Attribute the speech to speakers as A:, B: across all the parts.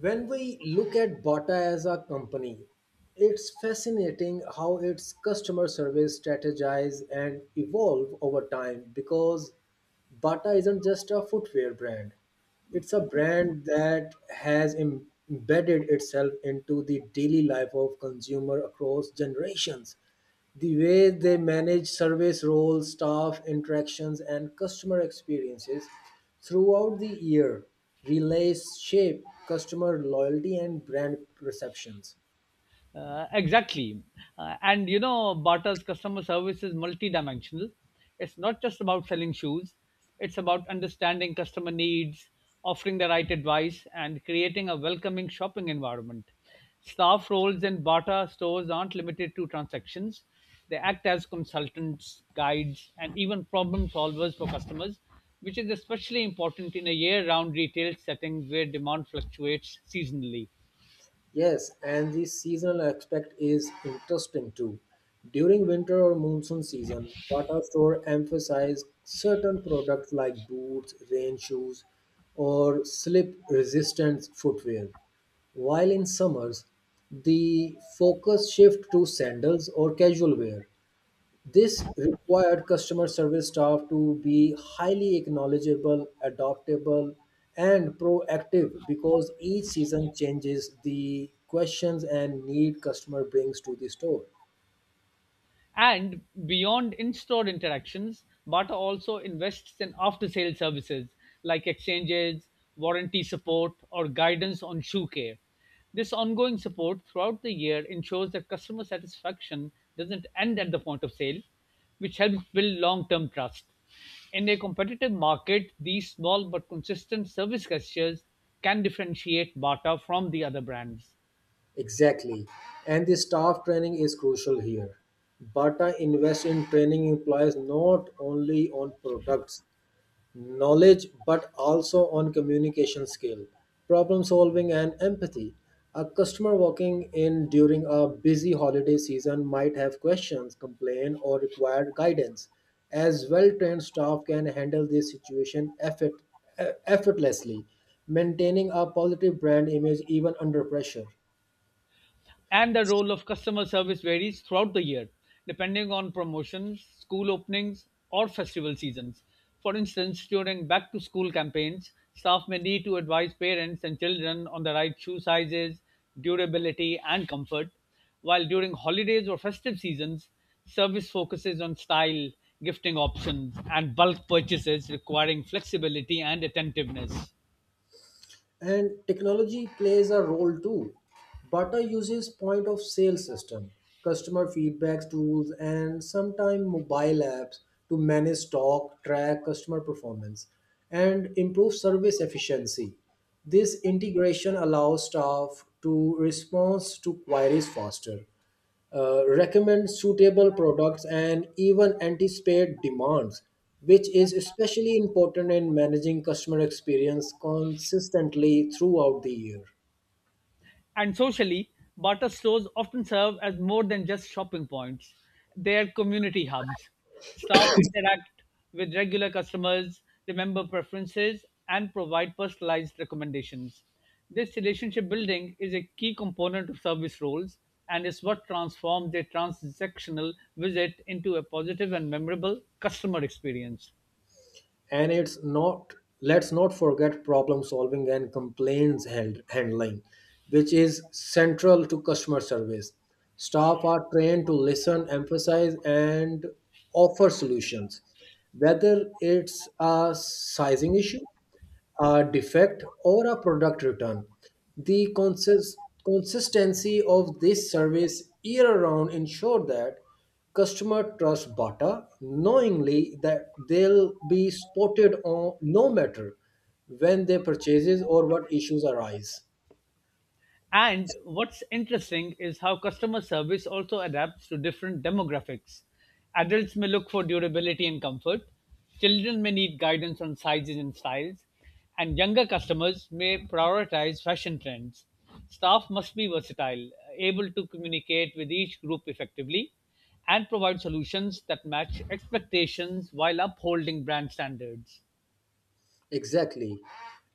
A: When we look at Bata as a company, it's fascinating how its customer service strategize and evolve over time because Bata isn't just a footwear brand. It's a brand that has embedded itself into the daily life of consumer across generations. The way they manage service roles, staff interactions, and customer experiences throughout the year relays shape customer loyalty and brand perceptions.
B: Exactly. And you know, Bata's customer service is multidimensional. It's not just about selling shoes, it's about understanding customer needs, offering the right advice, and creating a welcoming shopping environment. Staff roles in Bata stores aren't limited to transactions, they act as consultants, guides, and even problem solvers for customers, which is especially important in a year round retail setting where demand fluctuates seasonally.
A: Yes, and the seasonal aspect is interesting too. During winter or monsoon season, Bata store emphasize certain products like boots, rain shoes, or slip-resistant footwear. While in summers, the focus shift to sandals or casual wear. This required customer service staff to be highly acknowledgeable, adaptable, and proactive because each season changes the questions and need customer brings to the store.
B: And beyond in store interactions, Bata also invests in after sale services like exchanges, warranty support, or guidance on shoe care. This ongoing support throughout the year ensures that customer satisfaction doesn't end at the point of sale, which helps build long term trust. In a competitive market, these small but consistent service gestures can differentiate Bata from the other brands.
A: Exactly. And the staff training is crucial here. Bata invests in training employees not only on products knowledge but also on communication skill, problem solving, and empathy. A customer walking in during a busy holiday season might have questions, complain, or require guidance, as well trained staff can handle this situation effortlessly, maintaining a positive brand image even under pressure.
B: And the role of customer service varies throughout the year depending on promotions, school openings, or festival seasons. For instance, during back to school campaigns, staff may need to advise parents and children on the right shoe sizes, durability, and comfort, while during holidays or festive seasons, service focuses on style, gifting options, and bulk purchases requiring flexibility and attentiveness.
A: And technology plays a role too. Butter uses point of sale system, customer feedback tools, and sometimes mobile apps to manage stock, track customer performance, and improve service efficiency. This integration allows staff to respond to queries faster, recommend suitable products, and even anticipate demands, which is especially important in managing customer experience consistently throughout the year.
B: And socially, barter stores often serve as more than just shopping points. They are community hubs. Staff interact with regular customers, remember preferences, and provide personalized recommendations. This relationship building is a key component of service roles and is what transforms a transactional visit into a positive and memorable customer experience.
A: And it's not let's not forget problem solving and complaints handling, which is central to customer service. Staff are trained to listen, emphasize, and offer solutions, whether it's a sizing issue, a defect, or a product return. The consistency of this service year round ensure that customer trust Bata, knowingly that they'll be spotted on no matter when they purchases or what issues arise.
B: And what's interesting is how customer service also adapts to different demographics. Adults may look for durability and comfort, children may need guidance on sizes and styles, and younger customers may prioritize fashion trends. Staff must be versatile, able to communicate with each group effectively, and provide solutions that match expectations while upholding brand standards.
A: Exactly.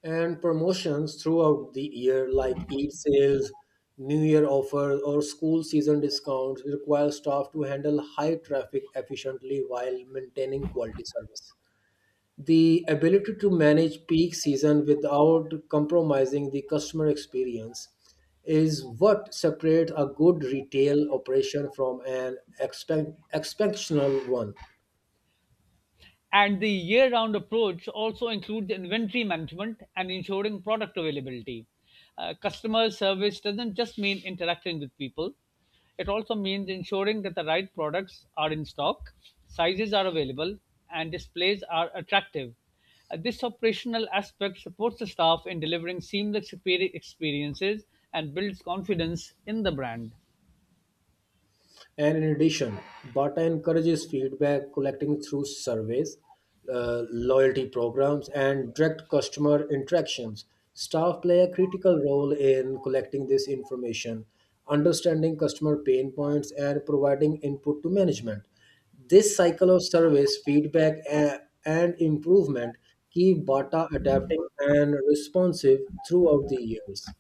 A: And promotions throughout the year, like Eid sales, New Year offers, or school season discounts, require staff to handle high traffic efficiently while maintaining quality service. The ability to manage peak season without compromising the customer experience is what separates a good retail operation from an exceptional one.
B: And the year-round approach also includes inventory management and ensuring product availability. Customer service doesn't just mean interacting with people. It also means ensuring that the right products are in stock, sizes are available, and displays are attractive. This operational aspect supports the staff in delivering seamless experiences and builds confidence in the brand.
A: And in addition, Bata encourages feedback collecting through surveys, loyalty programs, and direct customer interactions. Staff play a critical role in collecting this information, understanding customer pain points, and providing input to management. This cycle of service, feedback, and improvement keep Bata adapting and responsive throughout the years.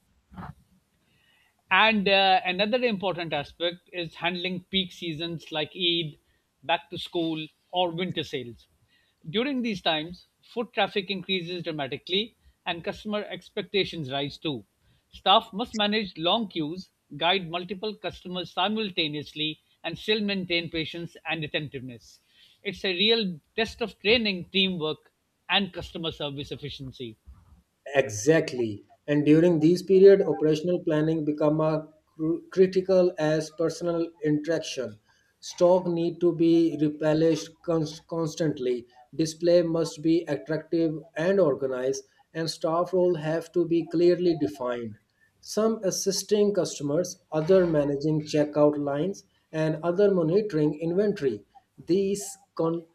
B: And another important aspect is handling peak seasons like Eid, back to school, or winter sales. During these times, foot traffic increases dramatically and customer expectations rise too. Staff must manage long queues, guide multiple customers simultaneously, and still maintain patience and attentiveness. It's a real test of training, teamwork, and customer service efficiency.
A: Exactly. And during these period, operational planning become a critical as personal interaction. Stock need to be replenished constantly. Display must be attractive and organized, and staff role have to be clearly defined. Some assisting customers, other managing checkout lines, and other monitoring inventory. These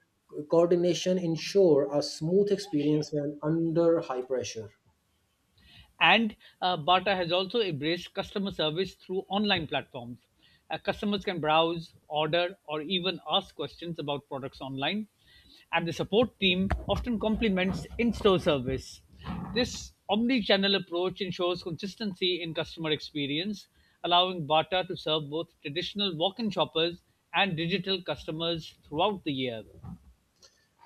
A: coordination ensure a smooth experience when under high pressure.
B: And Bata has also embraced customer service through online platforms. Customers can browse, order, or even ask questions about products online. And the support team often complements in store service. This omni channel approach ensures consistency in customer experience, allowing Bata to serve both traditional walk in shoppers and digital customers throughout the year.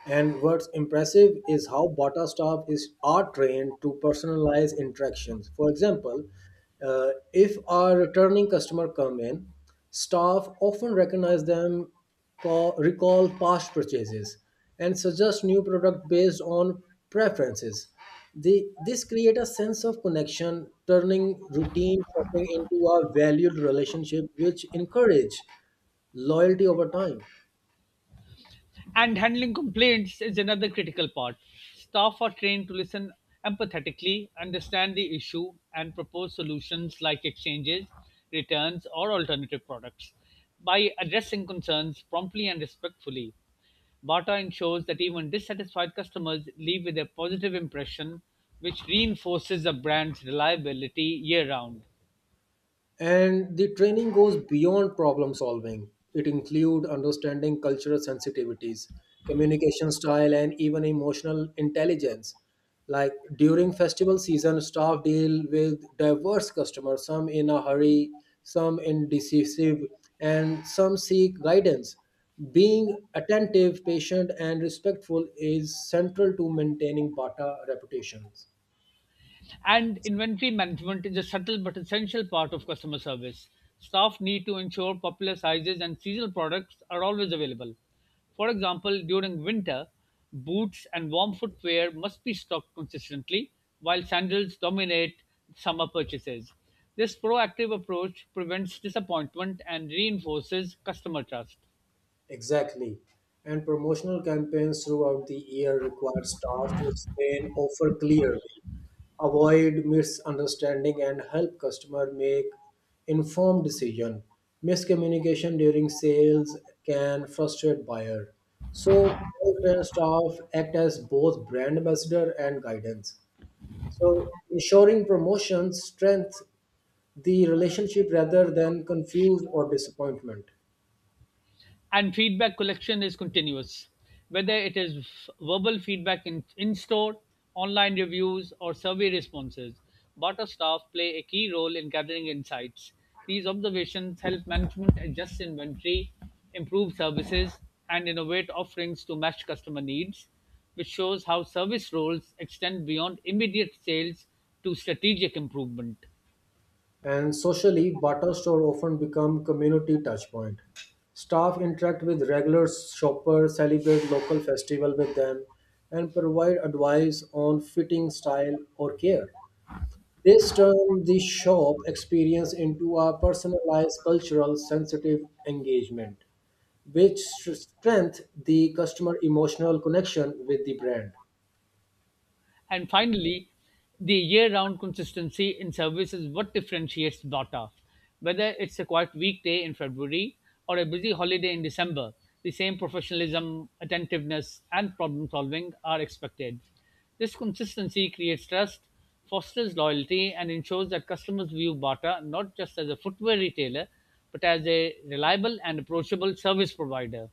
A: And what's impressive is how Bata staff is are trained to personalize interactions. For example, if our returning customer come in, staff often recognize them, recall past purchases, and suggest new product based on preferences. This create a sense of connection, turning routine shopping into a valued relationship, which encourage loyalty over time.
B: And handling complaints is another critical part. Staff are trained to listen empathetically, understand the issue, and propose solutions like exchanges, returns, or alternative products. By addressing concerns promptly and respectfully, Bata ensures that even dissatisfied customers leave with a positive impression, which reinforces the brand's reliability year round.
A: And the training goes beyond problem solving. It includes understanding cultural sensitivities, communication style, and even emotional intelligence. Like during festival season, staff deal with diverse customers, some in a hurry, some indecisive, and some seek guidance. Being attentive, patient, and respectful is central to maintaining Bata reputations.
B: And inventory management is a subtle but essential part of customer service. Staff need to ensure popular sizes and seasonal products are always available. For example, during winter, boots and warm footwear must be stocked consistently, while sandals dominate summer purchases. This proactive approach prevents disappointment and reinforces customer trust.
A: Exactly. And promotional campaigns throughout the year require staff to explain offer clearly, avoid misunderstanding, and help customer make informed decision. Miscommunication during sales can frustrate buyer. So full-time staff act as both brand ambassador and guidance, so ensuring promotions strength the relationship rather than confuse or disappointment.
B: And feedback collection is continuous, whether it is verbal feedback in store, online reviews, or survey responses. Barter staff play a key role in gathering insights. These observations help management adjust inventory, improve services, and innovate offerings to match customer needs, which shows how service roles extend beyond immediate sales to strategic improvement.
A: And socially, barter store often become community touchpoint. Staff interact with regular shoppers, celebrate local festival with them, and provide advice on fitting, style, or care. This turns the shop experience into a personalized, cultural, sensitive engagement, which strengthens the customer emotional connection with the brand.
B: And finally, the year round consistency in service is what differentiates Bata. Whether it's a quiet weekday in February or a busy holiday in December, the same professionalism, attentiveness, and problem solving are expected. This consistency creates trust, fosters loyalty, and ensures that customers view Bata not just as a footwear retailer, but as a reliable and approachable service provider.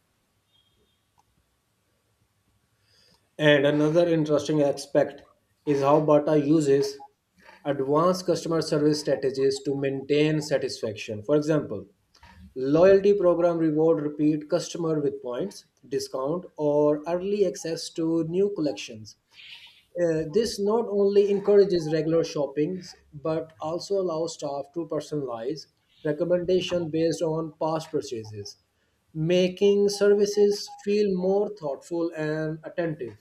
A: And another interesting aspect is how Bata uses advanced customer service strategies to maintain satisfaction. For example, loyalty program reward repeat customer with points, discount, or early access to new collections. This not only encourages regular shoppings but also allows staff to personalize recommendation based on past purchases, making services feel more thoughtful and attentive.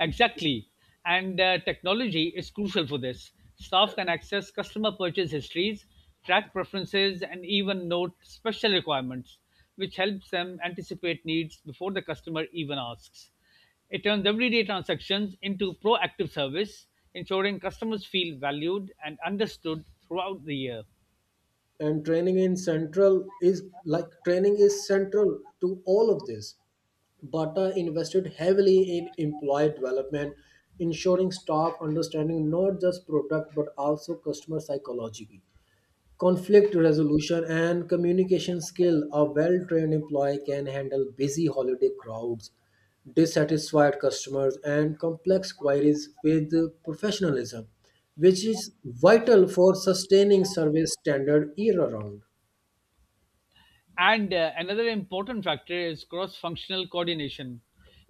B: Exactly. And technology is crucial for this. Staff can access customer purchase histories, track preferences, and even note special requirements, which helps them anticipate needs before the customer even asks. It turns everyday transactions into proactive service, ensuring customers feel valued and understood throughout the year.
A: And training in central is like training is central to all of this. Bata invested heavily in employee development, ensuring staff understanding not just product but also customer psychology, conflict resolution, and communication skill. A well trained employee can handle busy holiday crowds, dissatisfied customers, and complex queries with professionalism, which is vital for sustaining service standard year round.
B: And another important factor is cross functional coordination.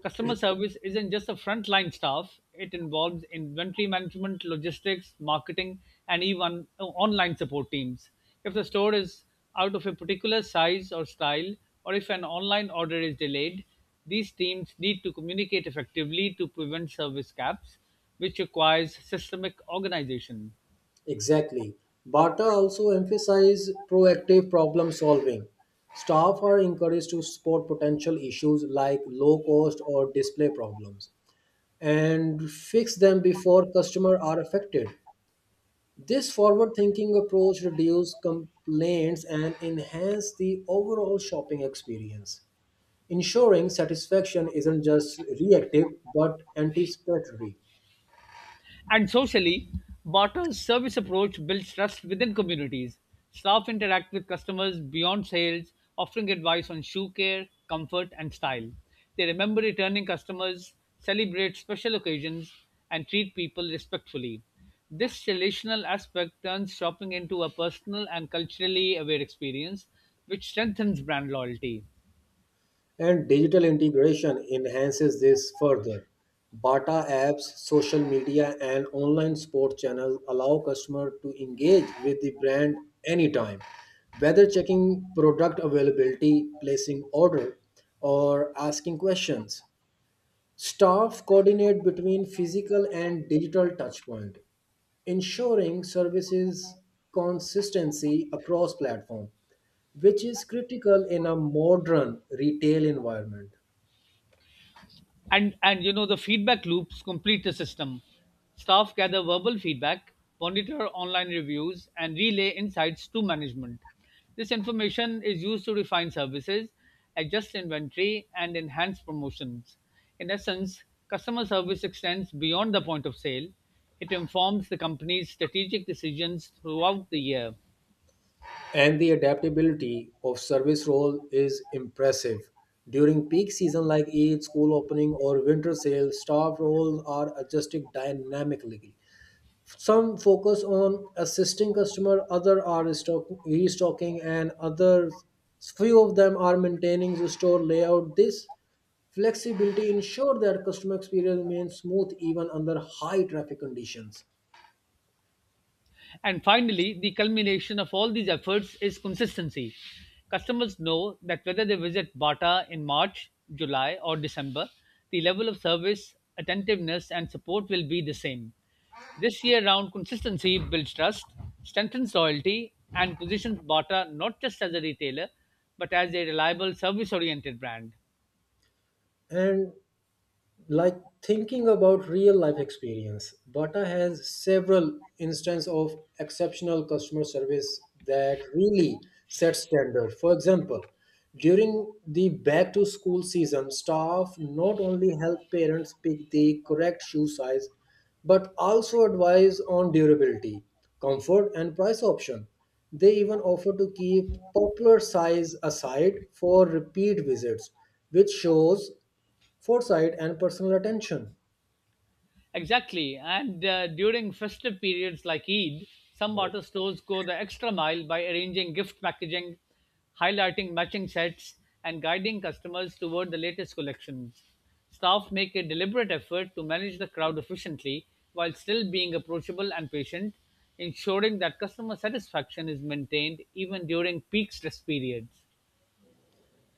B: Customer service isn't just a frontline staff, it involves inventory management, logistics, marketing, and even online support teams. If the store is out of a particular size or style, or if an online order is delayed, these teams need to communicate effectively to prevent service gaps, which requires systemic organization.
A: Exactly. Bata also emphasize proactive problem solving. Staff are encouraged to spot potential issues like low cost or display problems and fix them before customers are affected. This forward thinking approach reduces complaints and enhances the overall shopping experience, ensuring satisfaction isn't just reactive but anticipatory.
B: And socially, Barter's service approach builds trust within communities. Staff interact with customers beyond sales, offering advice on shoe care, comfort, and style. They remember returning customers, celebrate special occasions, and treat people respectfully. This relational aspect turns shopping into a personal and culturally aware experience, which strengthens brand loyalty.
A: And digital integration enhances this further. Bata apps, social media, and online sport channels allow customers to engage with the brand anytime, whether checking product availability, placing order, or asking questions. Staff coordinate between physical and digital touchpoint, ensuring services consistency across platform, which is critical in a modern retail environment.
B: And you know the feedback loops complete the system staff gather verbal feedback monitor online reviews and relay insights to management this information is used to refine services adjust inventory and enhance promotions in essence customer service extends beyond the point of sale it informs the company's strategic decisions throughout the year
A: And the adaptability of service role is impressive. During peak season like Eid, school opening, or winter sale, staff roles are adjusted dynamically. Some focus on assisting customer, other are restocking, and others few of them are maintaining the store layout. This flexibility ensure that customer experience remains smooth even under high traffic conditions.
B: And finally, the culmination of all these efforts is consistency. Customers know that whether they visit Bata in March, July, or December, the level of service, attentiveness, and support will be the same. This year round consistency builds trust, strengthens loyalty, and positions Bata not just as a retailer, but as a reliable service oriented brand.
A: And, like, thinking about real life experience, Bata has several instances of exceptional customer service that really set standard. For example, during the back to school season, staff not only help parents pick the correct shoe size but also advise on durability, comfort, and price option. They even offer to keep popular size aside for repeat visits, which shows foresight and personal attention.
B: Exactly. And during festive periods like Eid, some auto stores go the extra mile by arranging gift packaging, highlighting matching sets, and guiding customers toward the latest collections. Staff make a deliberate effort to manage the crowd efficiently while still being approachable and patient, ensuring that customer satisfaction is maintained even during peak stress periods.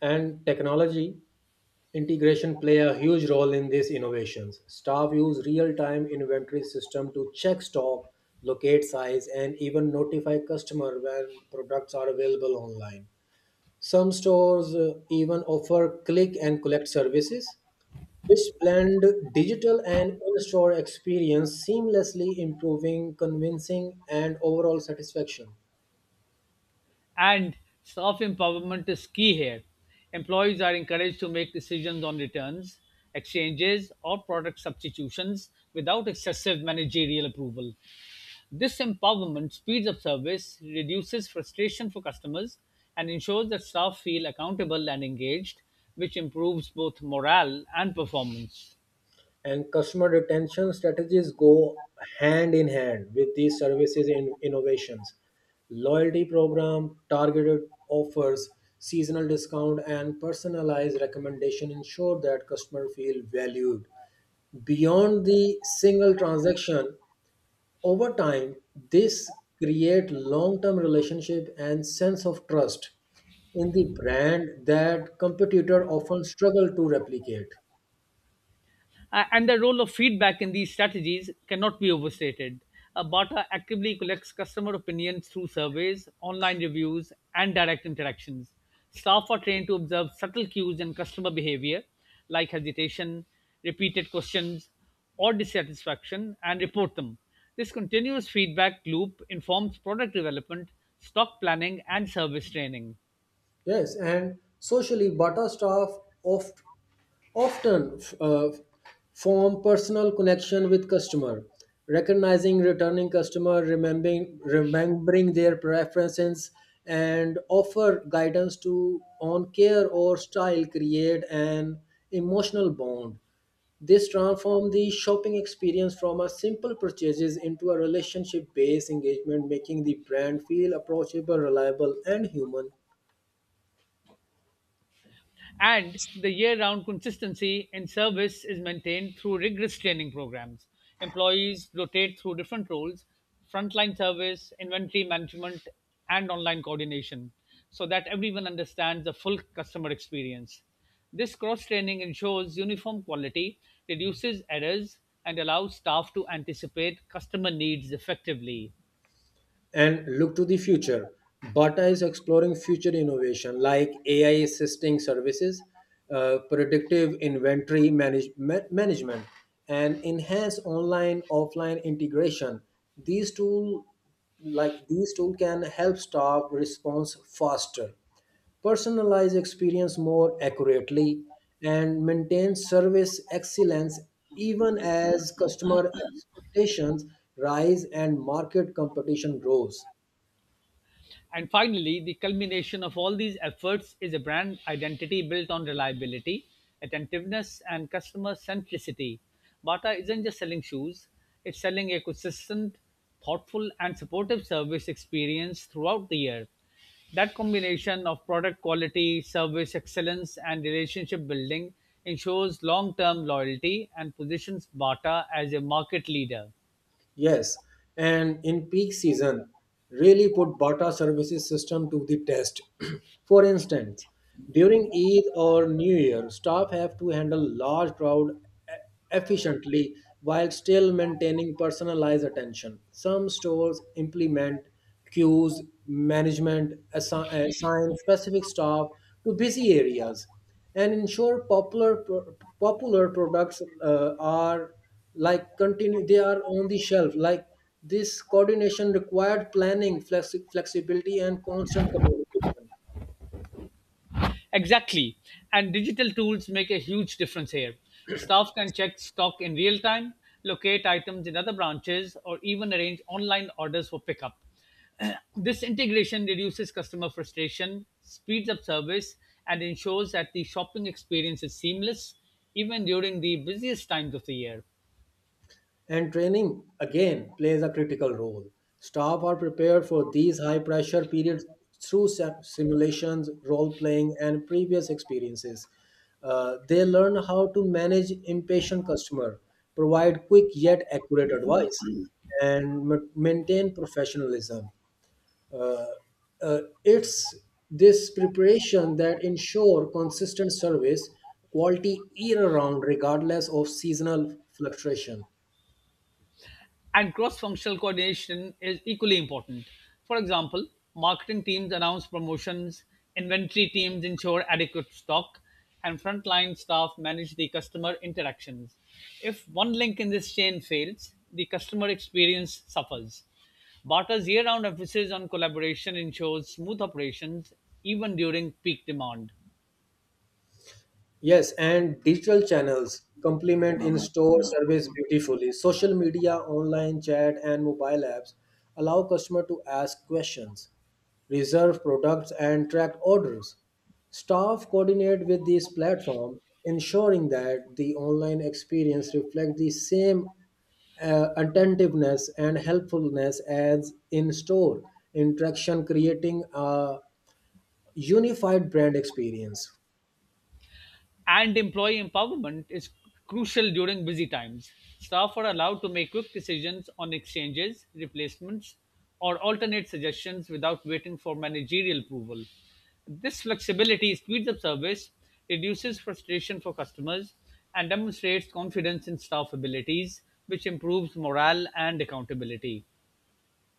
A: And technology integration play a huge role in these innovations. Staff use real-time inventory system to check stock, locate size, and even notify customer when products are available online. Some stores even offer click and collect services, which blend digital and in-store experience seamlessly, improving convincing and overall satisfaction.
B: And staff empowerment is key here. Employees are encouraged to make decisions on returns, exchanges, or product substitutions without excessive managerial approval. This empowerment speeds up service, reduces frustration for customers, and ensures that staff feel accountable and engaged, which improves both morale and performance.
A: And customer retention strategies go hand in hand with these services and innovations. Loyalty program, targeted offers, seasonal discount, and personalized recommendation ensure that customer feel valued beyond the single transaction. Over time, this create long term relationship and sense of trust in the brand that competitor often struggle to replicate.
B: And the role of feedback in these strategies cannot be overstated. Bata actively collects customer opinions through surveys, online reviews, and direct interactions. Staff are trained to observe subtle cues in customer behavior, like hesitation, repeated questions, or dissatisfaction, and report them. This continuous feedback loop informs product development, stock planning, and service training.
A: Yes, and socially, Bata staff oft, often form personal connection with customer, recognizing returning customer, remembering their preferences, and offer guidance to on care or style, create an emotional bond. This transform the shopping experience from a simple purchases into a relationship-based engagement, making the brand feel approachable, reliable, and human.
B: And the year-round consistency in service is maintained through rigorous training programs. Employees rotate through different roles, frontline service, inventory management, and online coordination, so that everyone understands the full customer experience. This cross-training ensures uniform quality, reduces errors, and allows staff to anticipate customer needs effectively.
A: And look to the future. Bata is exploring future innovation like AI assisting services, predictive inventory management, and enhanced online offline integration. These tool these tool can help staff response faster, personalize experience more accurately, and maintain service excellence even as customer expectations rise and market competition grows.
B: And finally, the culmination of all these efforts is a brand identity built on reliability, attentiveness, and customer centricity. Bata isn't just selling shoes, it's selling a consistent, thoughtful, and supportive service experience throughout the year. That combination of product quality, service excellence, and relationship building ensures long term loyalty and positions Bata as a market leader.
A: Yes, and in peak season, really put Bata services system to the test. For instance, during Eid or New Year, staff have to handle large crowd e- efficiently while still maintaining personalized attention. Some stores implement queues, management assign specific staff to busy areas, and ensure popular products are, like, continue they are on the shelf. Like, this coordination required planning, flexibility, and constant communication.
B: Exactly. And digital tools make a huge difference here. Staff can check stock in real time, locate items in other branches, or even arrange online orders for pickup. This integration reduces customer frustration, speeds up service, and ensures that the shopping experience is seamless even during the busiest times of the year.
A: And training again plays a critical role. Staff are prepared for these high pressure periods through simulations, role playing, and previous experiences. They learn how to manage impatient customer, provide quick yet accurate advice, and maintain professionalism. Uh, it's this preparation that ensure consistent service quality year round regardless of seasonal fluctuation.
B: And cross-functional coordination is equally important. For example, marketing teams announce promotions, inventory teams ensure adequate stock, and frontline staff manage the customer interactions. If one link in this chain fails, the customer experience suffers. Barter's year-round emphasis on collaboration ensures smooth operations even during peak demand.
A: Yes, and digital channels complement in-store service beautifully. Social media, online chat, and mobile apps allow customer to ask questions, reserve products, and track orders. Staff coordinate with these platform, ensuring that the online experience reflects the same attentiveness and helpfulness as in-store interaction, creating a unified brand experience.
B: And employee empowerment is crucial during busy times. Staff are allowed to make quick decisions on exchanges, replacements, or alternate suggestions without waiting for managerial approval. This flexibility speeds up service, reduces frustration for customers, and demonstrates confidence in staff abilities, which improves morale and accountability.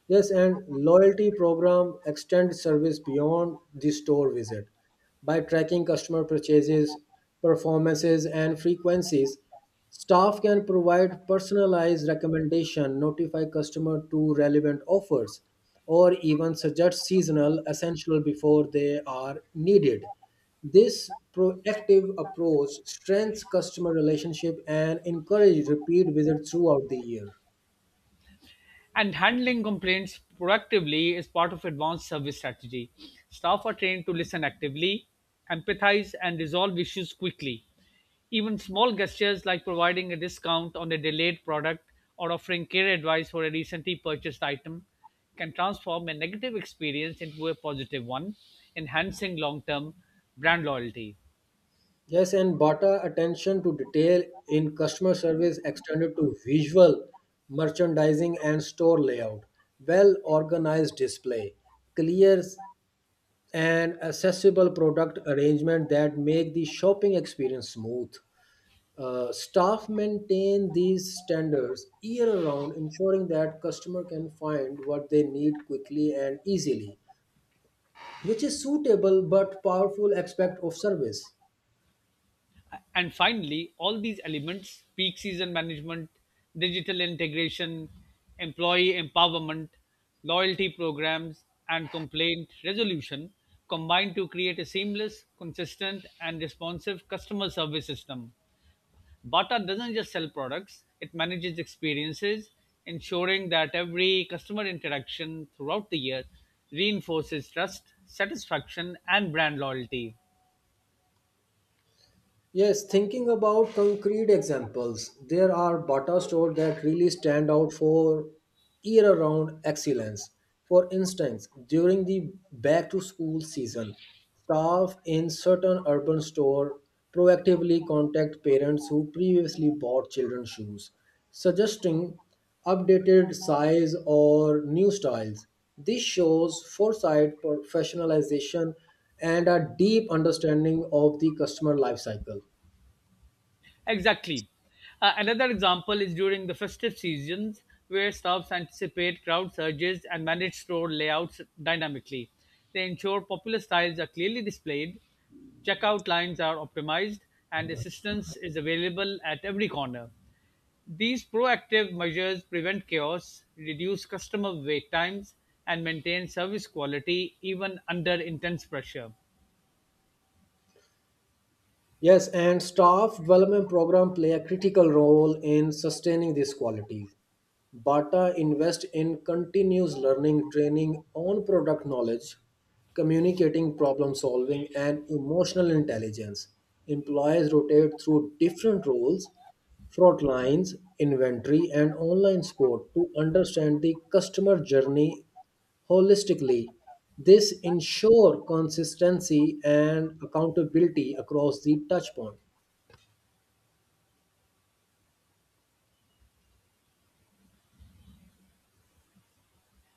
A: Yes, and loyalty program extend service beyond the store visit by tracking customer purchases, performances, and frequencies. Staff can provide personalized recommendation, notify customer to relevant offers, or even suggest seasonal essential before they are needed. This proactive approach strengthens customer relationship and encourage repeat visits throughout the year.
B: And handling complaints proactively is part of advanced service strategy. Staff are trained to listen actively, empathize, and resolve issues quickly. Even small gestures like providing a discount on a delayed product or offering care advice for a recently purchased item can transform a negative experience into a positive one, enhancing long term brand loyalty.
A: Yes, and better attention to detail in customer service extended to visual merchandising and store layout, well organized display, clear and accessible product arrangement that make the shopping experience smooth. Staff maintain these standards year round, ensuring that customer can find what they need quickly and easily, which is suitable but powerful aspect of service.
B: And finally, all these elements, peak season management, digital integration, employee empowerment, loyalty programs, and complaint resolution combine to create a seamless, consistent, and responsive customer service system. Bata doesn't just sell products, it manages experiences, ensuring that every customer interaction throughout the year reinforces trust, satisfaction, and brand loyalty.
A: Yes, thinking about concrete examples, there are butter stores that really stand out for year round excellence. For instance, during the back to school season, staff in certain urban store proactively contact parents who previously bought children's shoes, suggesting updated size or new styles. This shows foresight, professionalization, and a deep understanding of the customer life cycle.
B: Exactly. Another example is during the festive seasons, where staffs anticipate crowd surges and manage store layouts dynamically. They ensure popular styles are clearly displayed, checkout lines are optimized, and assistance is available at every corner. These proactive measures prevent chaos, reduce customer wait times, and maintain service quality even under intense pressure.
A: Yes, and staff development program play a critical role in sustaining these qualities. Bata invest in continuous learning, training on product knowledge, communicating, problem solving, and emotional intelligence. Employees rotate through different roles, front lines, inventory, and online support to understand the customer journey holistically. This ensure consistency and accountability across the touchpoint.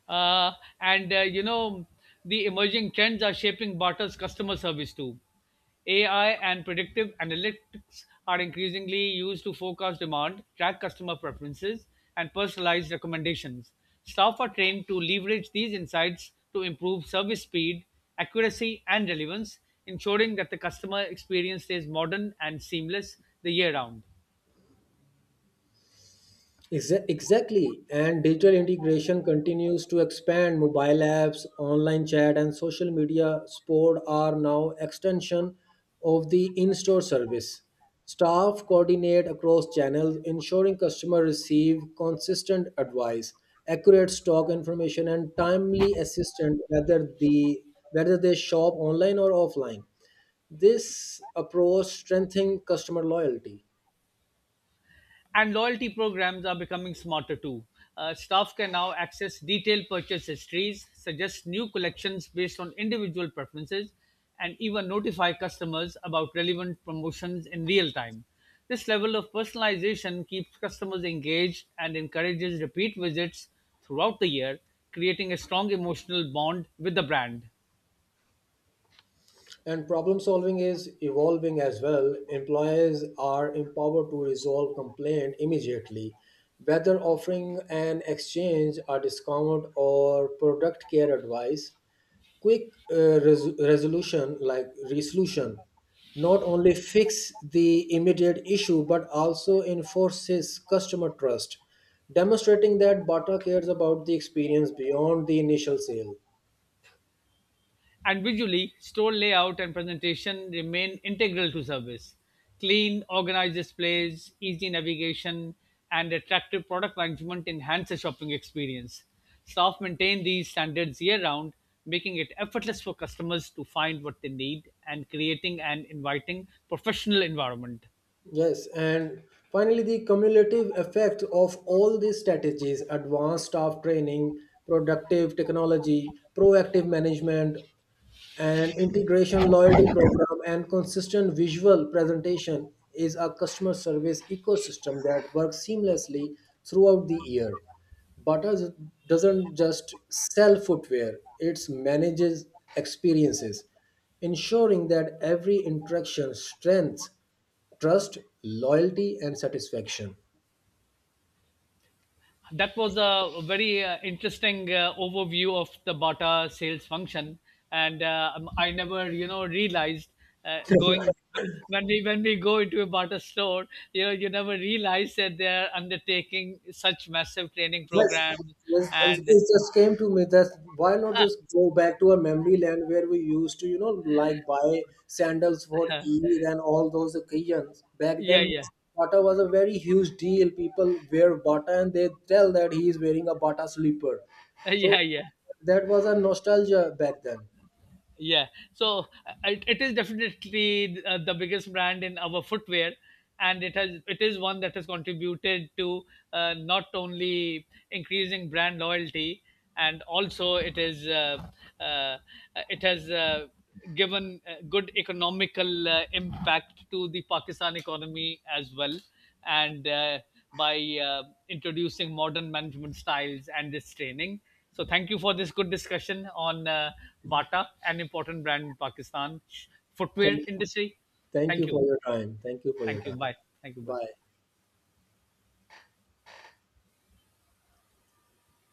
B: Uh, and you know, the emerging trends are shaping Barter's customer service too. AI and predictive analytics are increasingly used to forecast demand, track customer preferences, and personalize recommendations. Staff are trained to leverage these insights to improve service speed, accuracy, and relevance, ensuring that the customer experience stays modern and seamless the year round.
A: Exactly. And digital integration continues to expand. Mobile apps, online chat, and social media support are now extension of the in-store service. Staff coordinate across channels, ensuring customers receive consistent advice, accurate stock information, and timely assistance whether they shop online or offline. This approach strengthens customer loyalty.
B: And loyalty programs are becoming smarter too. Staff can now access detailed purchase histories, suggest new collections based on individual preferences, and even notify customers about relevant promotions in real time. This level of personalization keeps customers engaged and encourages repeat visits throughout the year, creating a strong emotional bond with the brand.
A: And problem solving is evolving as well. Employers are empowered to resolve complaint immediately, whether offering an exchange, a discount, or product care advice. Quick resolution, not only fix the immediate issue but also enforces customer trust, demonstrating that Bata cares about the experience beyond the initial sale.
B: And visually, store layout and presentation remain integral to service. Clean, organized displays, easy navigation, and attractive product management enhance the shopping experience. Staff maintain these standards year round, making it effortless for customers to find what they need and creating an inviting professional environment.
A: Yes, and finally, the cumulative effect of all these strategies, advanced staff training, productive technology, proactive management, and integration loyalty program, and consistent visual presentation, is a customer service ecosystem that works seamlessly throughout the year. Bata doesn't just sell footwear, it manages experiences, ensuring that every interaction strengthens trust, loyalty, and satisfaction.
B: That was a very interesting overview of the Bata sales function, and I never, you know, realized going when we go into a Bata store, you know, you never realize that they are undertaking such massive training
A: Yes,
B: programs,
A: yes, and
B: and
A: it just came to me that why not just go back to a memory land where we used to like buy sandals for Eid and all those occasions. Back
B: yeah,
A: then,
B: yeah,
A: Bata was a very huge deal. People wear Bata and they tell that he is wearing a Bata slipper. So
B: yeah, yeah.
A: that was a nostalgia back then.
B: Yeah, so it is definitely the biggest brand in our footwear, and it is one that has contributed to not only increasing brand loyalty, and also uh, it has given good economical impact to the Pakistan economy as well and by uh, introducing modern management styles and this training. So, thank you for this good discussion on Bata, an important brand in Pakistan footwear
A: Thank,
B: industry.
A: thank
B: Thank
A: you for
B: you.
A: your time. Thank you for
B: Thank
A: your
B: you.
A: time.
B: Bye. Thank you. Bye.
A: Bye.